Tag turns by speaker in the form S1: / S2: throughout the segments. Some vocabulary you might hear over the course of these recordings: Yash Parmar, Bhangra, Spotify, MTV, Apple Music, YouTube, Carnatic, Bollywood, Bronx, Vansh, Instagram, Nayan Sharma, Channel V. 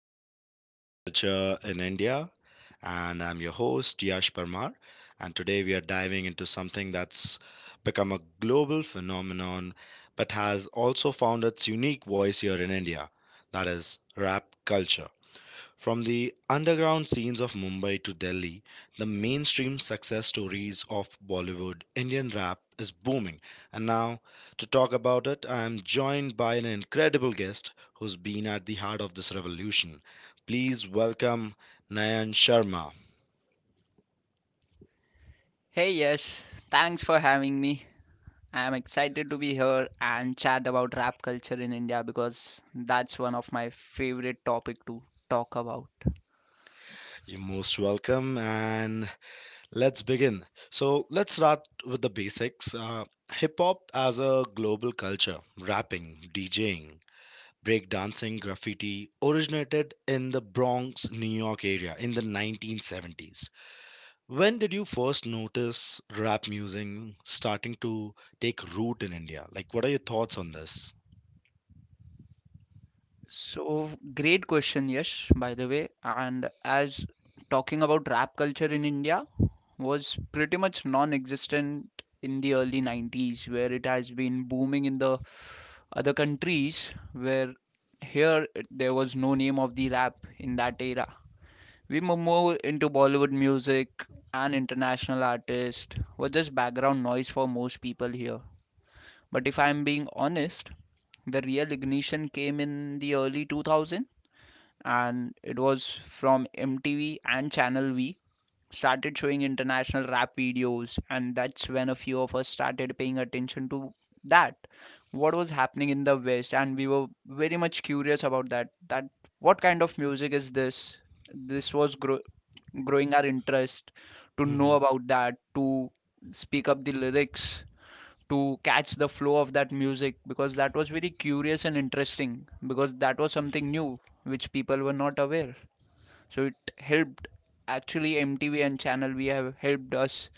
S1: of Rap Culture in India. And I'm your host, Yash Parmar. And today we are diving into something that's become a global phenomenon but has also found its unique voice here in India, that is, rap culture. From the underground scenes of Mumbai to Delhi, the mainstream success stories of Bollywood, Indian rap is booming. And now, to talk about it, I am joined by an incredible guest who's been at the heart of this revolution. Please welcome Nayan Sharma.
S2: Hey, yes, thanks for having me. I'm excited to be here and chat about rap culture in India because that's one of my favorite topic to talk about.
S1: You're most welcome, and let's begin. So, let's start with the basics. Hip hop as a global culture, rapping, DJing, breakdancing, graffiti originated in the Bronx, New York area in the 1970s. When did you first notice rap music starting to take root in India? Like, what are your thoughts on this?
S2: So, great question, yes, by the way. And as talking about rap culture in India was pretty much non-existent in the early 90s, where it has been booming in the other countries, where there was no name of the rap in that era. We move more into Bollywood music, and international artists were just background noise for most people here. But if I'm being honest, the real ignition came in the early 2000 and it was from MTV and Channel V started showing international rap videos, and that's when a few of us started paying attention to that, what was happening in the west and we were very much curious about that that what kind of music is this. This was growing our interest to know
S1: Hmm.
S2: about that, to speak up the lyrics, to catch the flow of that music, because that was very curious and interesting because that was something new which people were not aware. So it helped, actually MTV and Channel We have helped us,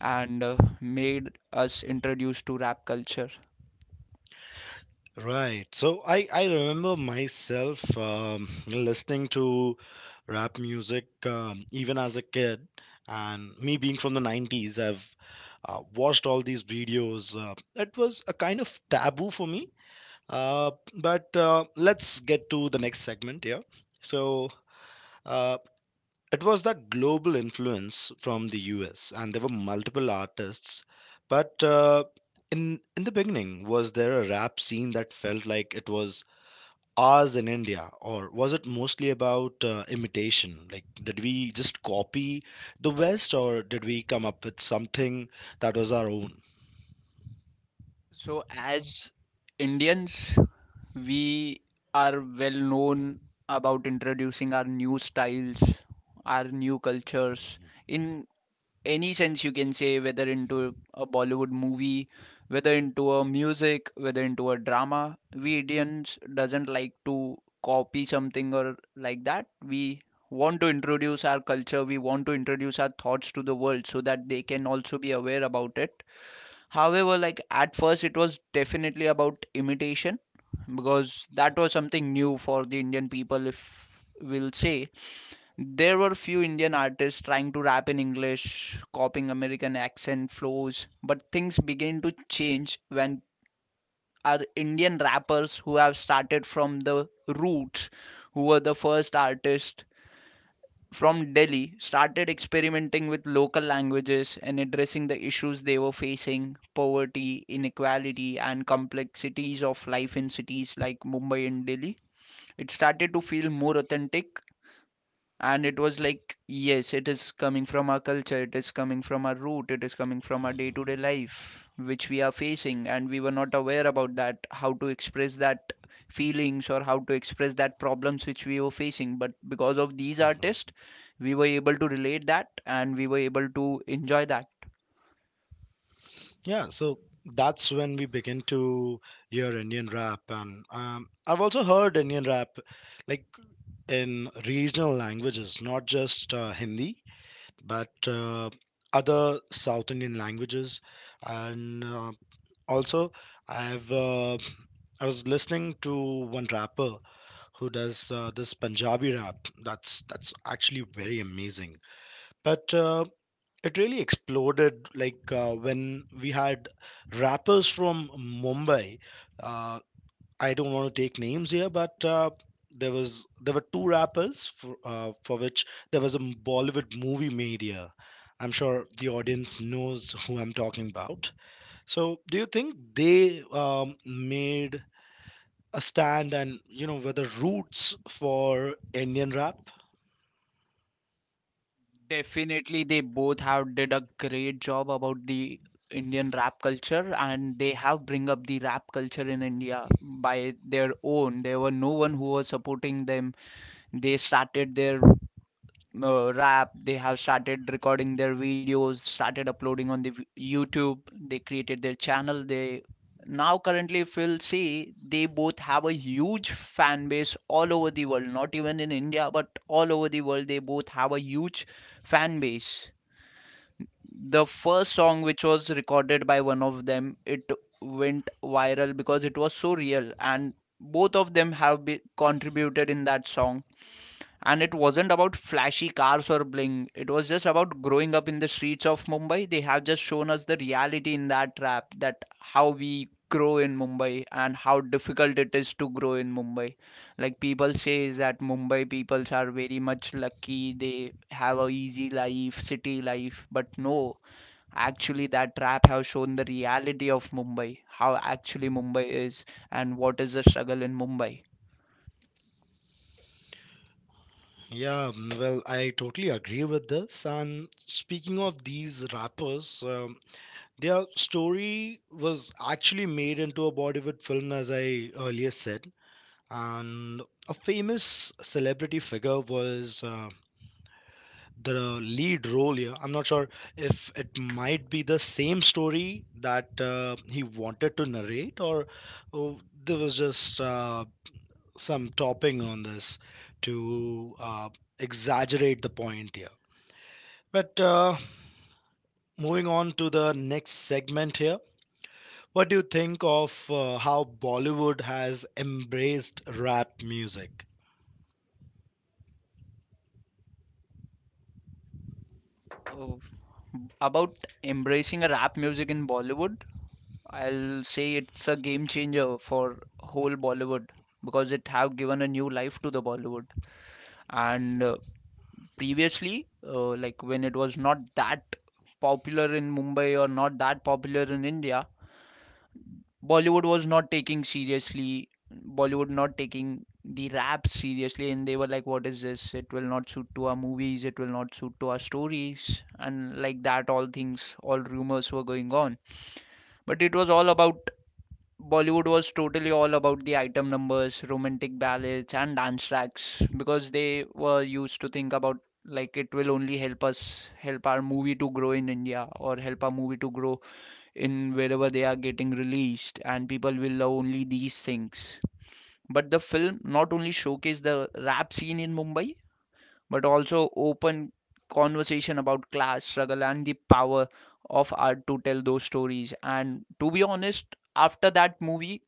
S2: and made us introduced to rap culture.
S1: Right. So I remember myself listening to rap music even as a kid. And me being from the 90s, I've watched all these videos. It was a kind of taboo for me. But Let's get to the next segment here. So uh, it was that global influence from the US, and there were multiple artists. But in the beginning, was there a rap scene that felt like it was ours in India, or was it mostly about imitation? Like, did we just copy the West, or did we come up with something that was our own?
S2: So as Indians, we are well known about introducing our new styles, our new cultures, in any sense you can say, whether into a Bollywood movie, whether into a music, whether into a drama. We Indians doesn't like to copy something or like that. We want to introduce our culture, we want to introduce our thoughts to the world so that they can also be aware about it. However, like at first, it was definitely about imitation, because that was something new for the Indian people, if we'll say. There were few Indian artists trying to rap in English, copying American accent flows, but things began to change when our Indian rappers who have started from the roots, who were the first artists from Delhi, started experimenting with local languages and addressing the issues they were facing: poverty, inequality, and complexities of life in cities like Mumbai and Delhi. It started to feel more authentic, and it was like, yes, it is coming from our culture, it is coming from our root, it is coming from our day to day life which we are facing, and we were not aware about that, how to express that feelings or how to express that problems which we were facing, but because of these artists, we were able to relate that and we were able to enjoy that.
S1: Yeah, so that's when we begin to hear Indian rap, and I've also heard Indian rap, like in regional languages, not just Hindi, but other South Indian languages, and also I've I was listening to one rapper who does this Punjabi rap. That's actually very amazing. But It really exploded when we had rappers from Mumbai. uh, I don't want to take names here, but there were two rappers for which there was a Bollywood movie made here. I'm sure the audience knows who I'm talking about. So, do you think they made a stand and, you know, were the roots for Indian rap?
S2: Definitely, they both have did a great job about the Indian rap culture, and they have bring up the rap culture in India by their own. There were no one who was supporting them. They started their rap, they have started recording their videos, started uploading on the YouTube, they created their channel. They, now currently if you'll see, they both have a huge fan base all over the world, not even in India but all over the world, they both have a huge fan base. The first song which was recorded by one of them, it went viral because it was so real, and both of them have contributed in that song, and it wasn't about flashy cars or bling, it was just about growing up in the streets of Mumbai. They have just shown us the reality in that rap, that how we grow in Mumbai and how difficult it is to grow in Mumbai. Like, people say is that Mumbai peoples are very much lucky, they have a easy life, city life, but no, actually that rap have shown the reality of Mumbai, how actually Mumbai is and what is the struggle in Mumbai.
S1: Yeah, mm, well, I totally agree with this. And speaking of these rappers, their story was actually made into a Bollywood film, as I earlier said. And a famous celebrity figure was the lead role here. I'm not sure if it might be the same story that he wanted to narrate, or oh, there was just some topping on this to exaggerate the point here. But Moving on to the next segment here, what do you think of how Bollywood has embraced rap music?
S2: Oh, about embracing a rap music in Bollywood, I'll say it's a game changer for whole Bollywood because it have given a new life to the Bollywood. And previously, like when it was not that popular in Mumbai or not that popular in India, Bollywood was not taking seriously, Bollywood not taking the rap seriously, and they were like, "What is this? It will not suit to our movies. It will not suit to our stories." And like that, all things, all rumors were going on. But it was all about Bollywood was totally all about the item numbers, romantic ballads, and dance tracks, because they were used to think about, like, it will only help us, help our movie to grow in India, or help our movie to grow in wherever they are getting released, and people will love only these things. But the film not only showcased the rap scene in Mumbai, but also open conversation about class struggle and the power of art to tell those stories. And to be honest, after that movie,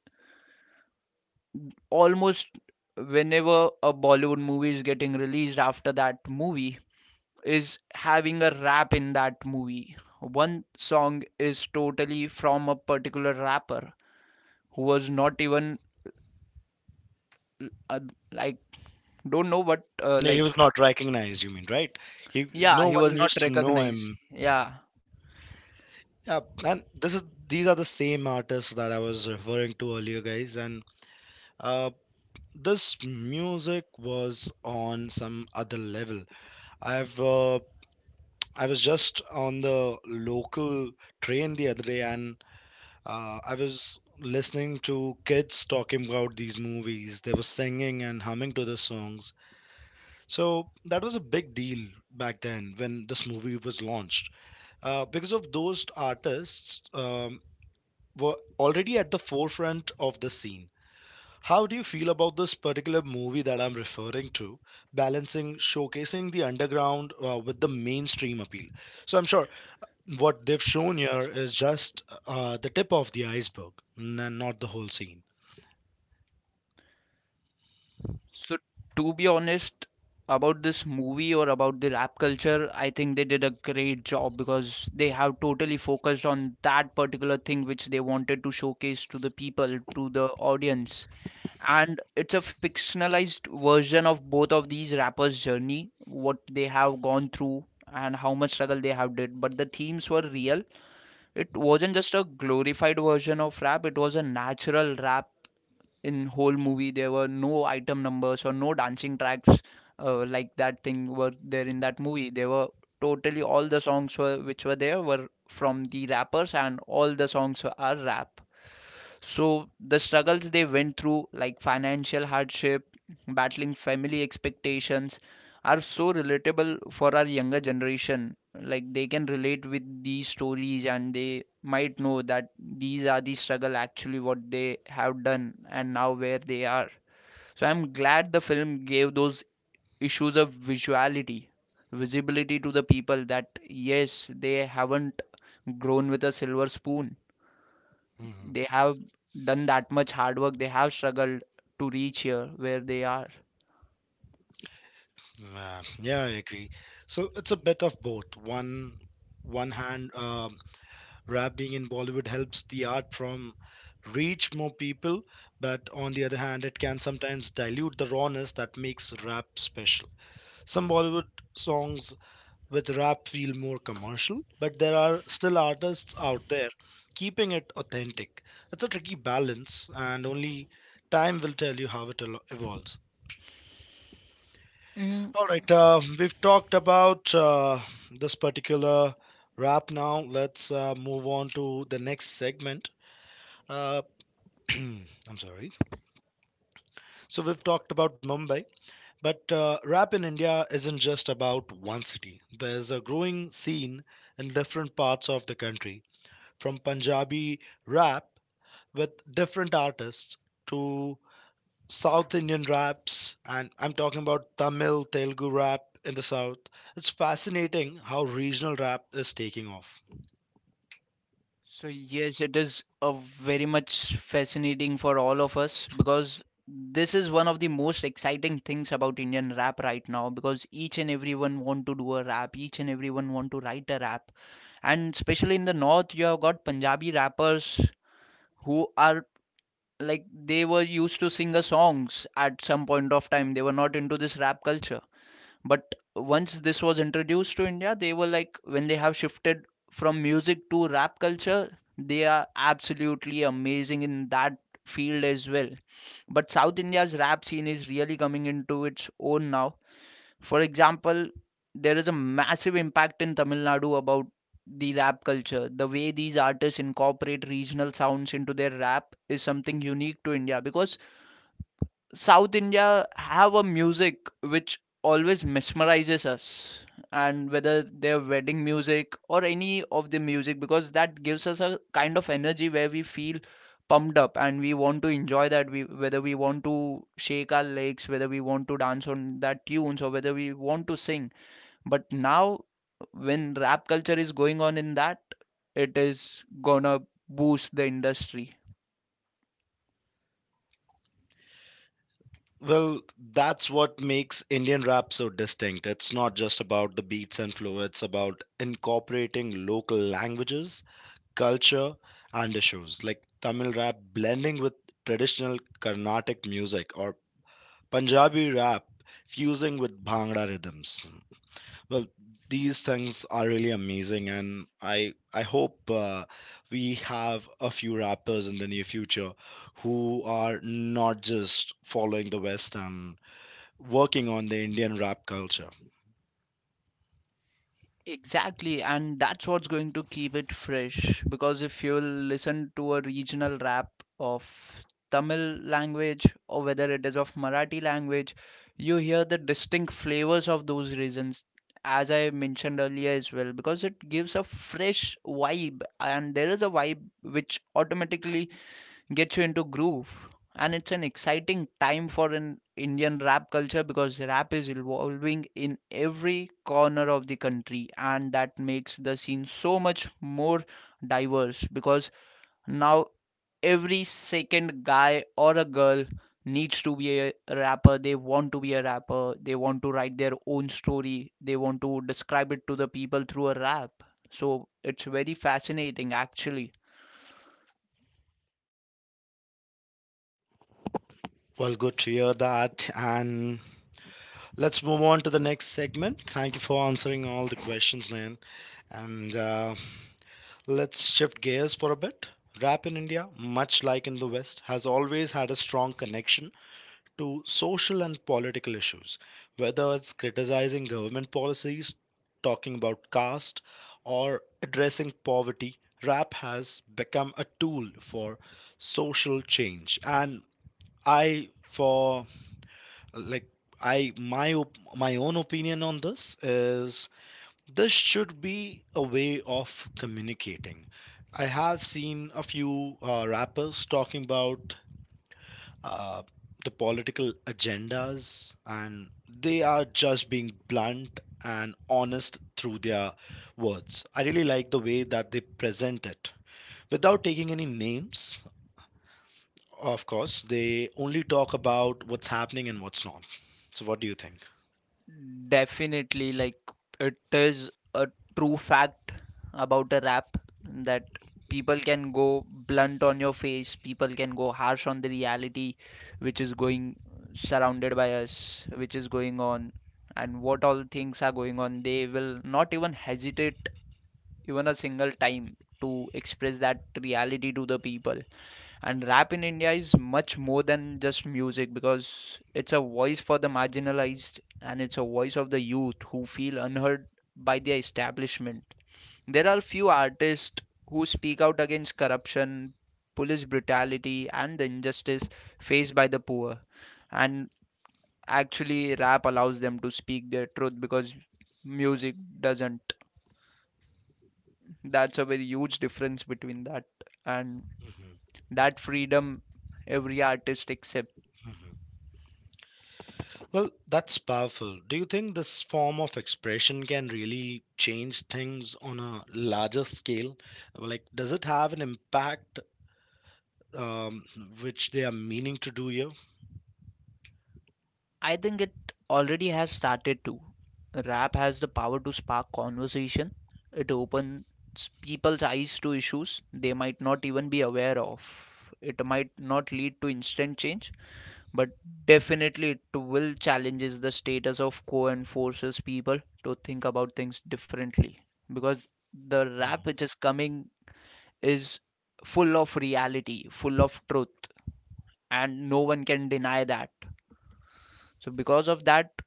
S2: almost whenever a Bollywood movie is getting released after that movie, is having a rap in that movie, one song is totally from a particular rapper who was not even, uh, like, don't know what, uh,
S1: No, he
S2: like
S1: was not recognized, you mean, right? He,
S2: Yeah,
S1: no
S2: he
S1: one
S2: was not
S1: used to know
S2: recognized,
S1: him.
S2: yeah.
S1: Yeah, and this is these are the same artists that I was referring to earlier, guys. And uh, this music was on some other level. I've uh, I was just on the local train the other day, and I was listening to kids talking about these movies. They were singing and humming to the songs. So that was a big deal back then when this movie was launched. Because of those artists, were already at the forefront of the scene. How do you feel about this particular movie that I'm referring to, balancing showcasing the underground with the mainstream appeal? So I'm sure what they've shown here is just the tip of the iceberg and not the whole scene.
S2: So to be honest, about this movie or about the rap culture, I think they did a great job because they have totally focused on that particular thing which they wanted to showcase to the people, to the audience. And it's a fictionalized version of both of these rappers journey, what they have gone through and how much struggle they have did, but the themes were real. It wasn't just a glorified version of rap, it was a natural rap. In whole movie there were no item numbers or no dancing tracks, like that thing were there in that movie. They were totally, all the songs were, which were there, were from the rappers, and all the songs are rap. So the struggles they went through, like financial hardship, battling family expectations, are so relatable for our younger generation. Like, they can relate with these stories, and they might know that these are the struggle actually what they have done and now where they are. So I'm glad the film gave those issues of visuality, visibility to the people, that yes, they haven't grown with a silver spoon,
S1: Mhm.
S2: they have done that much hard work, they have struggled to reach here where they are.
S1: Yeah, yeah, I agree. So it's a bit of both. One hand, rap being in Bollywood helps the art from reach more people, but on the other hand, it can sometimes dilute the rawness that makes rap special. Some Bollywood songs with rap feel more commercial, but there are still artists out there keeping it authentic. It's a tricky balance, and only time will tell you how evolves. All right, we've talked about this particular rap now. Let's move on to the next segment. Uh, I'm sorry. So we've talked about Mumbai, but rap in India isn't just about one city. There's a growing scene in different parts of the country, from Punjabi rap with different artists to South Indian raps, and I'm talking about Tamil, Telugu rap in the South. It's fascinating how regional rap is taking off.
S2: So yes, it is a very much fascinating for all of us, because this is one of the most exciting things about Indian rap right now, because each and everyone want to do a rap, each and everyone want to write a rap. And especially in the north, you have got Punjabi rappers who are, like, they were used to sing a songs at some point of time. They were not into this rap culture, but once this was introduced to India, they were like, when they have shifted from music to rap culture, they are absolutely amazing in that field as well. But South India's rap scene is really coming into its own now. For example, there is a massive impact in Tamil Nadu about the rap culture. The way these artists incorporate regional sounds into their rap is something unique to India, because South India have a music which always mesmerizes us, and whether their wedding music or any of the music, because that gives us a kind of energy where we feel pumped up and we want to enjoy that. We, whether we want to shake our legs, whether we want to dance on that tunes, or whether we want to sing. But now, when rap culture is going on in that, it is gonna boost the industry.
S1: Well, that's what makes Indian rap so distinct. It's not just about the beats and flow, it's about incorporating local languages, culture, and issues like Tamil rap blending with traditional Carnatic music or Punjabi rap fusing with Bhangra rhythms. Well, these things are really amazing, and I hope we have a few rappers in the near future who are not just following the West and working on the Indian rap culture.
S2: Exactly, and that's what's going to keep it fresh. Because if you listen to a regional rap of Tamil language or whether it is of Marathi language, you hear the distinct flavors of those regions, as I mentioned earlier as well, because it gives a fresh vibe, and there is a vibe which automatically gets you into groove. And it's an exciting time for an Indian rap culture because rap is evolving in every corner of the country, and that makes the scene so much more diverse. Because now every second guy or a girl needs to be a rapper, they want to be a rapper, they want to write their own story, they want to describe it to the people through a rap. So it's very fascinating actually.
S1: Well, good to hear that, and let's move on to the next segment. Thank you for answering all the questions, man, and. Let's shift gears for a bit. Rap in India, much like in the West, has always had a strong connection to social and political issues, whether it's criticizing government policies, talking about caste, or addressing poverty. Rap has become a tool for social change, and I, for like, I my op- my own opinion on this is this should be a way of communicating. I have seen a few rappers talking about uh, the political agendas, and they are just being blunt and honest through their words. I really like the way that they present it. Without taking any names, of course, they only talk about what's happening and what's not. So, what do you think?
S2: Definitely, like, it is a true fact about a rap, that people can go blunt on your face, people can go harsh on the reality which is going surrounded by us, which is going on, and what all things are going on. They will not even hesitate even a single time to express that reality to the people. And rap in India is much more than just music, because it's a voice for the marginalized and it's a voice of the youth who feel unheard by the establishment. There are few artists who speak out against corruption, police brutality, and the injustice faced by the poor. And actually, rap allows them to speak their truth because music doesn't. That's a very huge difference between that and
S1: Hmm.
S2: that freedom every artist accepts.
S1: Well, that's powerful. Do you think this form of expression can really change things on a larger scale? Like, does it have an impact um, which they are meaning to do here?
S2: I think it already has started to. Rap has the power to spark conversation. It opens people's eyes to issues they might not even be aware of. It might not lead to instant change, but definitely it will challenges the status of quo and forces people to think about things differently. Because the rap
S1: Mhm,
S2: which is coming is full of reality, full of truth, and no one can deny that. So because of that,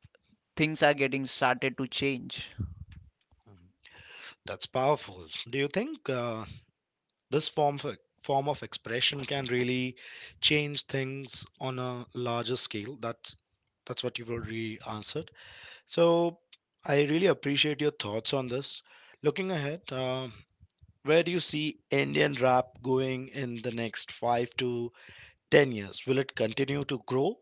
S2: things are getting started to change.
S1: mhm. That's powerful. Do you think this form of expression can really change things on a larger scale? That's what you've already answered. So I really appreciate your thoughts on this. Looking ahead, where do you see Indian rap going in the next five to 10 years? Will it continue to grow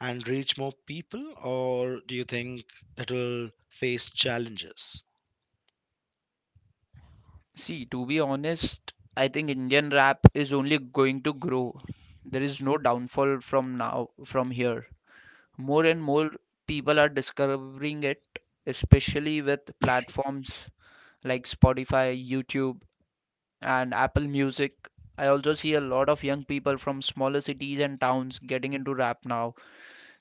S1: and reach more people, or do you think it will face challenges?
S2: See, to be honest, I think Indian rap is only going to grow. There is no downfall from now, from here. More and more people are discovering it, especially with platforms like Spotify, YouTube, and Apple Music. I also see a lot of young people from smaller cities and towns getting into rap now.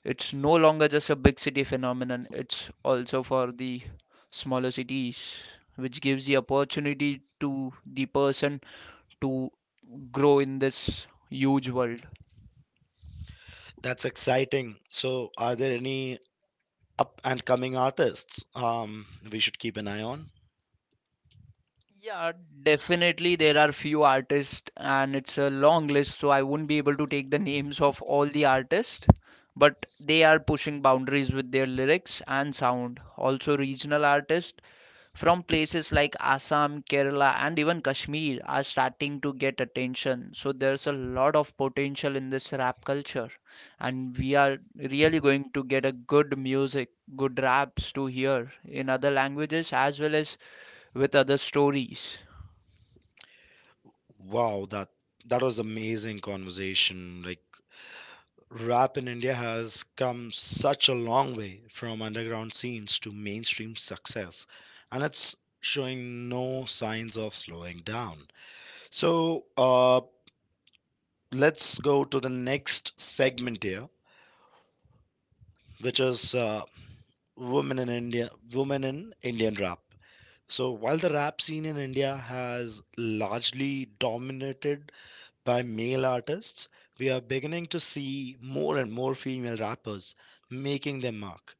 S2: It's no longer just a big city phenomenon, it's also for the smaller cities, which gives the opportunity to the person to grow in this huge world.
S1: That's exciting. So, are there any up and coming artists we should keep an eye on?
S2: Yeah, definitely there are few artists and it's a long list, so I won't be able to take the names of all the artists, but they are pushing boundaries with their lyrics and sound. Also regional artists from places like Assam, Kerala, and even Kashmir are starting to get attention. So there's a lot of potential in this rap culture, and we are really going to get a good music, good raps to hear in other languages as well as with other stories.
S1: Wow, that was amazing conversation. Like, rap in India has come such a long way from underground scenes to mainstream success, and it's showing no signs of slowing down. So, let's go to the next segment here, which is women in India, women in Indian rap. So while the rap scene in India has largely dominated by male artists, we are beginning to see more and more female rappers making their mark.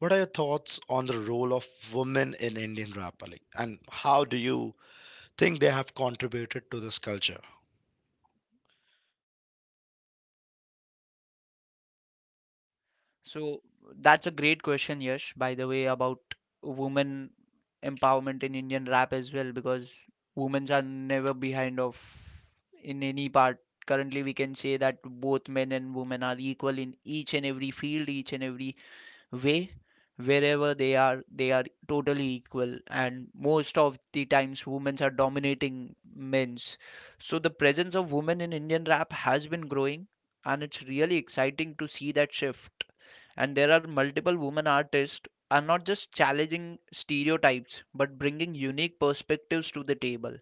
S1: What are your thoughts on the role of women in Indian rap, Ali? And how do you think they have contributed to this culture?
S2: So that's a great question, Yash, by the way, about women empowerment in Indian rap as well, because women are never behind of in any part. Currently, we can say that both men and women are equal in each and every field, each and every way wherever they are totally equal and most of the times women's are dominating men's. So the presence of women in Indian rap has been growing, and it's really exciting to see that shift. And there are multiple women artists are not just challenging stereotypes but bringing unique perspectives to the table,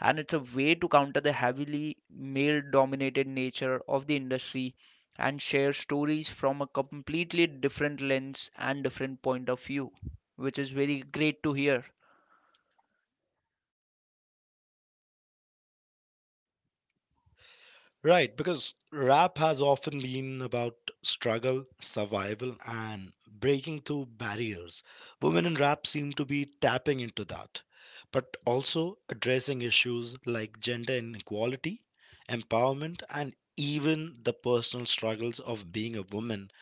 S2: and it's a way to counter the heavily male dominated nature of the industry and share stories from a completely different lens and different point of view, which is very great to hear.
S1: Right, because rap has often been about struggle, survival, and breaking through barriers. Women in rap seem to be tapping into that, but also addressing issues like gender inequality, empowerment, and even the personal struggles of being a woman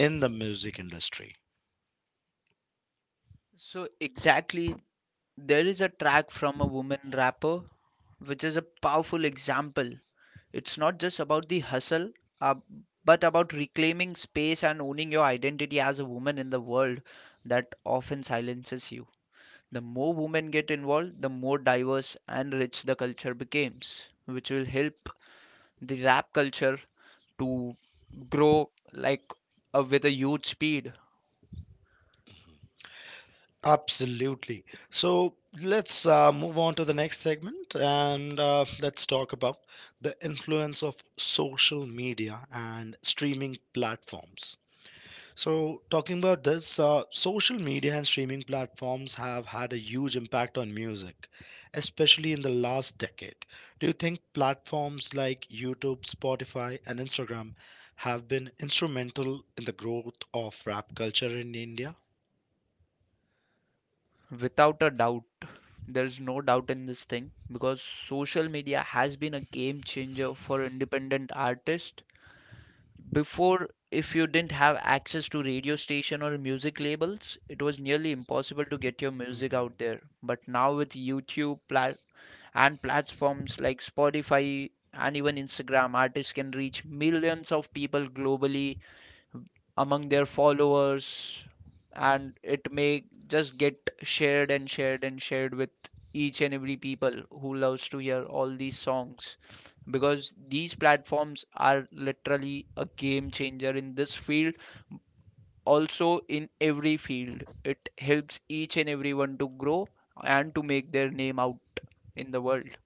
S1: in the music industry.
S2: So exactly, there is a track from a woman rapper which is a powerful example. It's not just about the hustle, uh, but about reclaiming space and owning your identity as a woman in the world that often silences you. The more women get involved, the more diverse and rich the culture becomes, which will help the rap culture to grow like with a huge speed.
S1: Absolutely. So let's move on to the next segment and let's talk about the influence of social media and streaming platforms. So, talking about this, social media and streaming platforms have had a huge impact on music, especially in the last decade. Do you think platforms like YouTube, Spotify, and Instagram have been instrumental in the growth of rap culture in India?
S2: Without a doubt, there's no doubt in this thing because social media has been a game changer for independent artists. Before, if you didn't have access to radio station or music labels, it was nearly impossible to get your music
S1: Mhm.
S2: out there. But now with and platforms like Spotify and even Instagram, artists can reach millions of people globally among their followers, and it may just get shared and shared and shared with each and every people who loves to hear all these songs, because these platforms are literally a game changer in this field. Also in every field it helps each and everyone to grow and to make their name out in the world.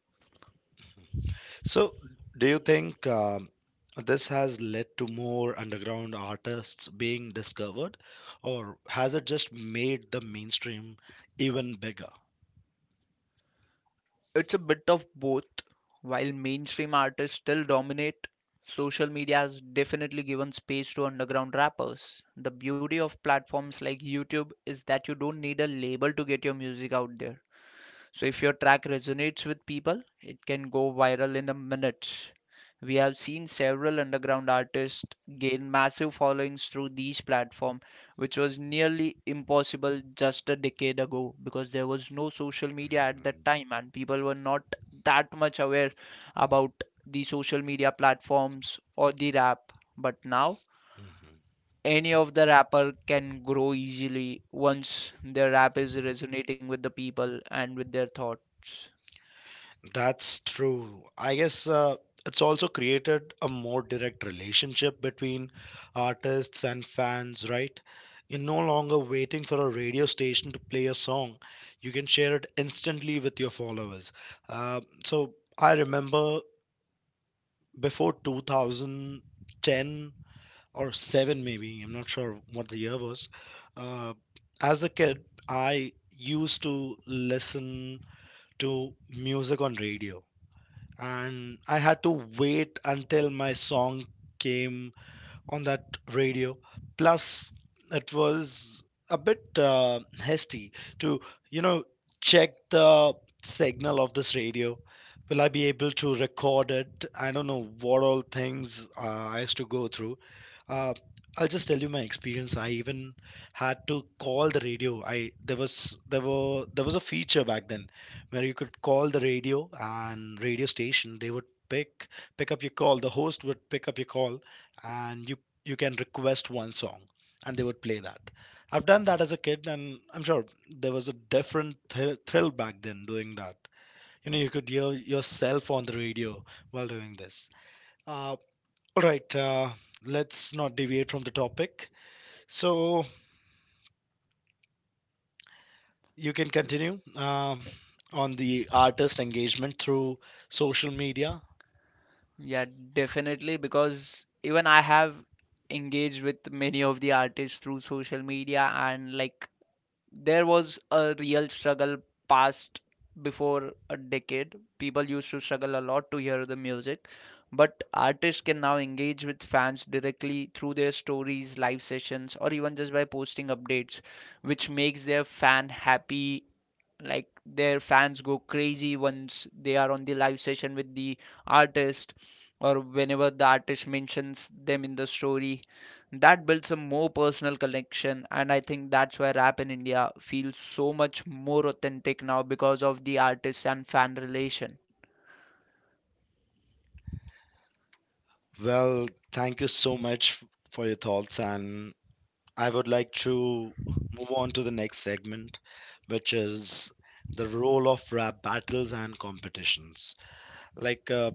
S1: So, do you think this has led to more underground artists being discovered, or has it just made the mainstream even bigger?
S2: It's a bit of both. While mainstream artists still dominate, social media has definitely given space to underground rappers. The beauty of platforms like YouTube is that you don't need a label to get your music out there. So if your track resonates with people, it can go viral in a minute. We have seen several underground artists gain massive followings through these platforms, which was nearly impossible just a decade ago because there was no social media at
S1: Mhm,
S2: that time and people were not that much aware about the social media platforms or the rap. But now
S1: mhm.
S2: any of the rapper can grow easily once their rap is resonating with the people and with their thoughts.
S1: That's true. I guess it's also created a more direct relationship between artists and fans, right? You're no longer waiting for a radio station to play a song. You can share it instantly with your followers. So I remember before 2010 or 7 maybe, I'm not sure what the year was. Uh, as a kid, I used to listen to music on radio and I had to wait until my song came on that radio. Plus, it was a bit hasty to, you know, check the signal of this radio. Will I be able to record it? I don't know what all things I has to go through. Uh, I'll just tell you my experience. I even had to call the radio. I there was there were there was a feature back then where you could call the radio and radio station. They would pick pick up your call. The host would pick up your call, and you can request one song and they would play that. I've done that as a kid, and I'm sure there was a different thrill back then doing that. You know, you could hear yourself on the radio while doing this. Uh, all right, let's not deviate from the topic. So you can continue on the artist engagement through social media.
S2: Yeah, definitely, because even I have engaged with many of the artists through social media, and like there was a real struggle past before a decade. People used to struggle a lot to hear the music, but artists can now engage with fans directly through their stories, live sessions, or even just by posting updates, which makes their fan happy, like their fans go crazy once they are on the live session with the artist or whenever the artist mentions them in the story. That builds a more personal connection, and I think that's why rap in India feels so much more authentic now because of the artist and fan relation.
S1: Well, thank you so much for your thoughts, and I would like to move on to the next segment, which is the role of rap battles and competitions. Like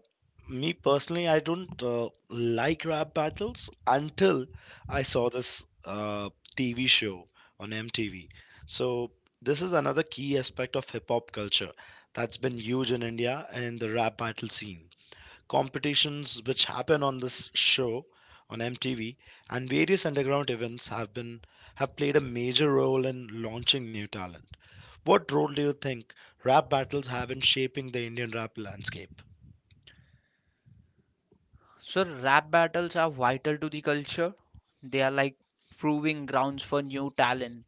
S1: me personally, I don't like rap battles until I saw this TV show on MTV. So this is another key aspect of hip hop culture that's been huge in India, and the rap battle scene competitions which happen on this show on MTV and various underground events have played a major role in launching new talent. What role do you think rap battles have in shaping the Indian rap landscape?
S2: So rap battles are vital to the culture. They are like proving grounds for new talent.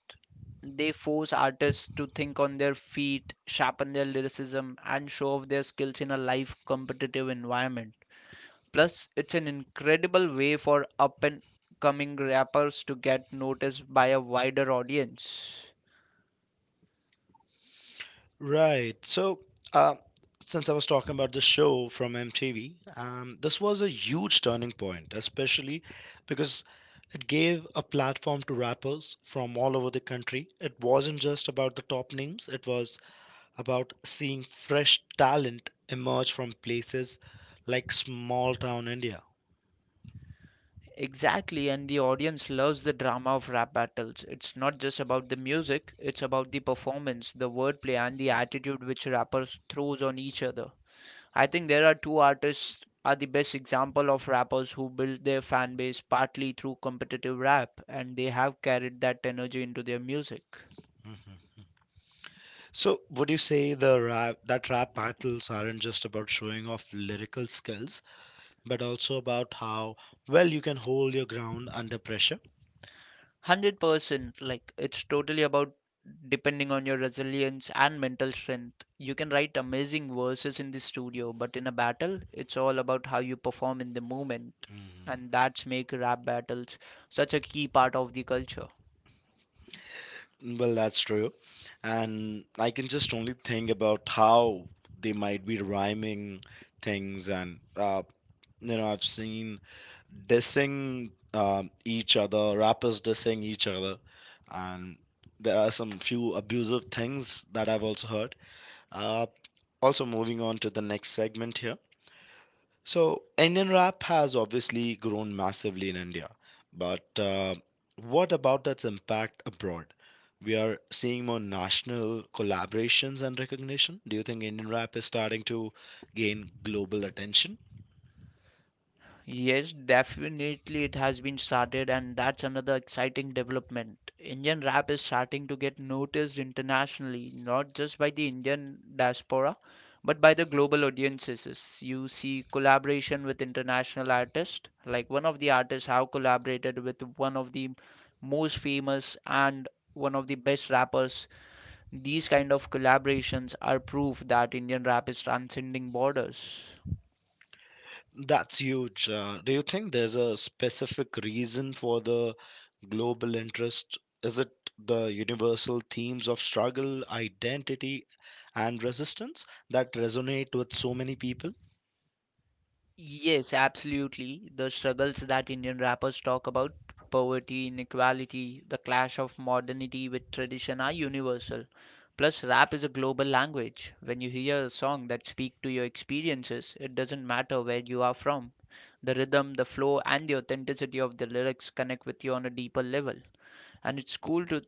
S2: They force artists to think on their feet, sharpen their lyricism, and show off their skills in a live competitive environment. Plus, it's an incredible way for up and coming rappers to get noticed by a wider audience.
S1: Right. So, uh, since I was talking about the show from MTV, this was a huge turning point, especially because it gave a platform to rappers from all over the country. It wasn't just about the top names, it was about seeing fresh talent emerge from places like small town India.
S2: Exactly, and the audience loves the drama of rap battles. It's not just about the music, it's about the performance, the wordplay, and the attitude which rappers throws on each other. I think there are two artists are the best example of rappers who built their fan base partly through competitive rap, and they have carried that energy into their music.
S1: Mhm. So, would you say that rap battles aren't just about showing off lyrical skills, but also about how well you can hold your ground under pressure?
S2: 100% like it's totally about depending on your resilience and mental strength. You can write amazing verses in the studio, but in a battle, it's all about how you perform in the moment,
S1: Mhm.
S2: and that's make rap battles such a key part of the culture.
S1: Well, that's true. And I can just only think about how they might be rhyming things. And, you know, I've seen dissing, each other, rappers dissing each other, and there are some few abusive things that I've also heard. Uh, also, moving on to the next segment here. So, Indian rap has obviously grown massively in India, but what about its impact abroad? We are seeing more national collaborations and recognition. Do you think Indian rap is starting to gain global attention?
S2: Yes, definitely it has been started, and that's another exciting development. Indian rap is starting to get noticed internationally, not just by the Indian diaspora, but by the global audiences. You see collaboration with international artists, like one of the artists have collaborated with one of the most famous and one of the best rappers. These kind of collaborations are proof that Indian rap is transcending borders.
S1: That's huge. Do you think there's a specific reason for the global interest? Is it the universal themes of struggle, identity, and resistance that resonate with so many people?
S2: Yes, absolutely. The struggles that Indian rappers talk about, poverty, inequality, the clash of modernity with tradition are universal. Plus, rap is a global language. When you hear a song that speaks to your experiences, it doesn't matter where you are from. The rhythm, the flow, and the authenticity of the lyrics connect with you on a deeper level. And it's cool to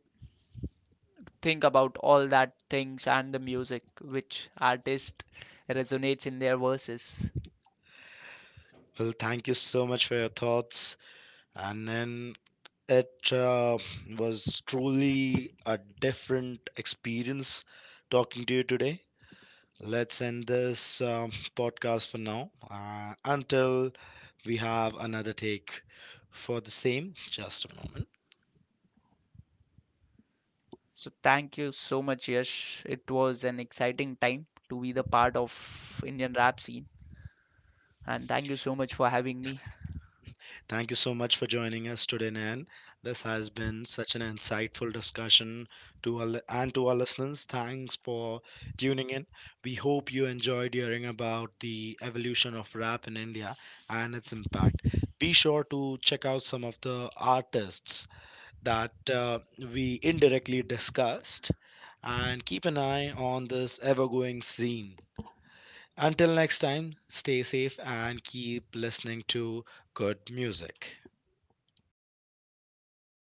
S2: think about all that things and the music which artist resonates in their verses.
S1: Well, thank you so much for your thoughts. And then it was truly a different experience talking to you today. Let's end this podcast for now. Until we have another take for the same. Just a moment.
S2: So thank you so much, Yash. It was an exciting time to be the part of Indian rap scene, and thank you so much for having me.
S1: Thank you so much for joining us today, Nan. This has been such an insightful discussion and to our listeners. Thanks for tuning in. We hope you enjoyed hearing about the evolution of rap in India and its impact. Be sure to check out some of the artists that we indirectly discussed and keep an eye on this ever going scene. Until next time, stay safe and keep listening to good music.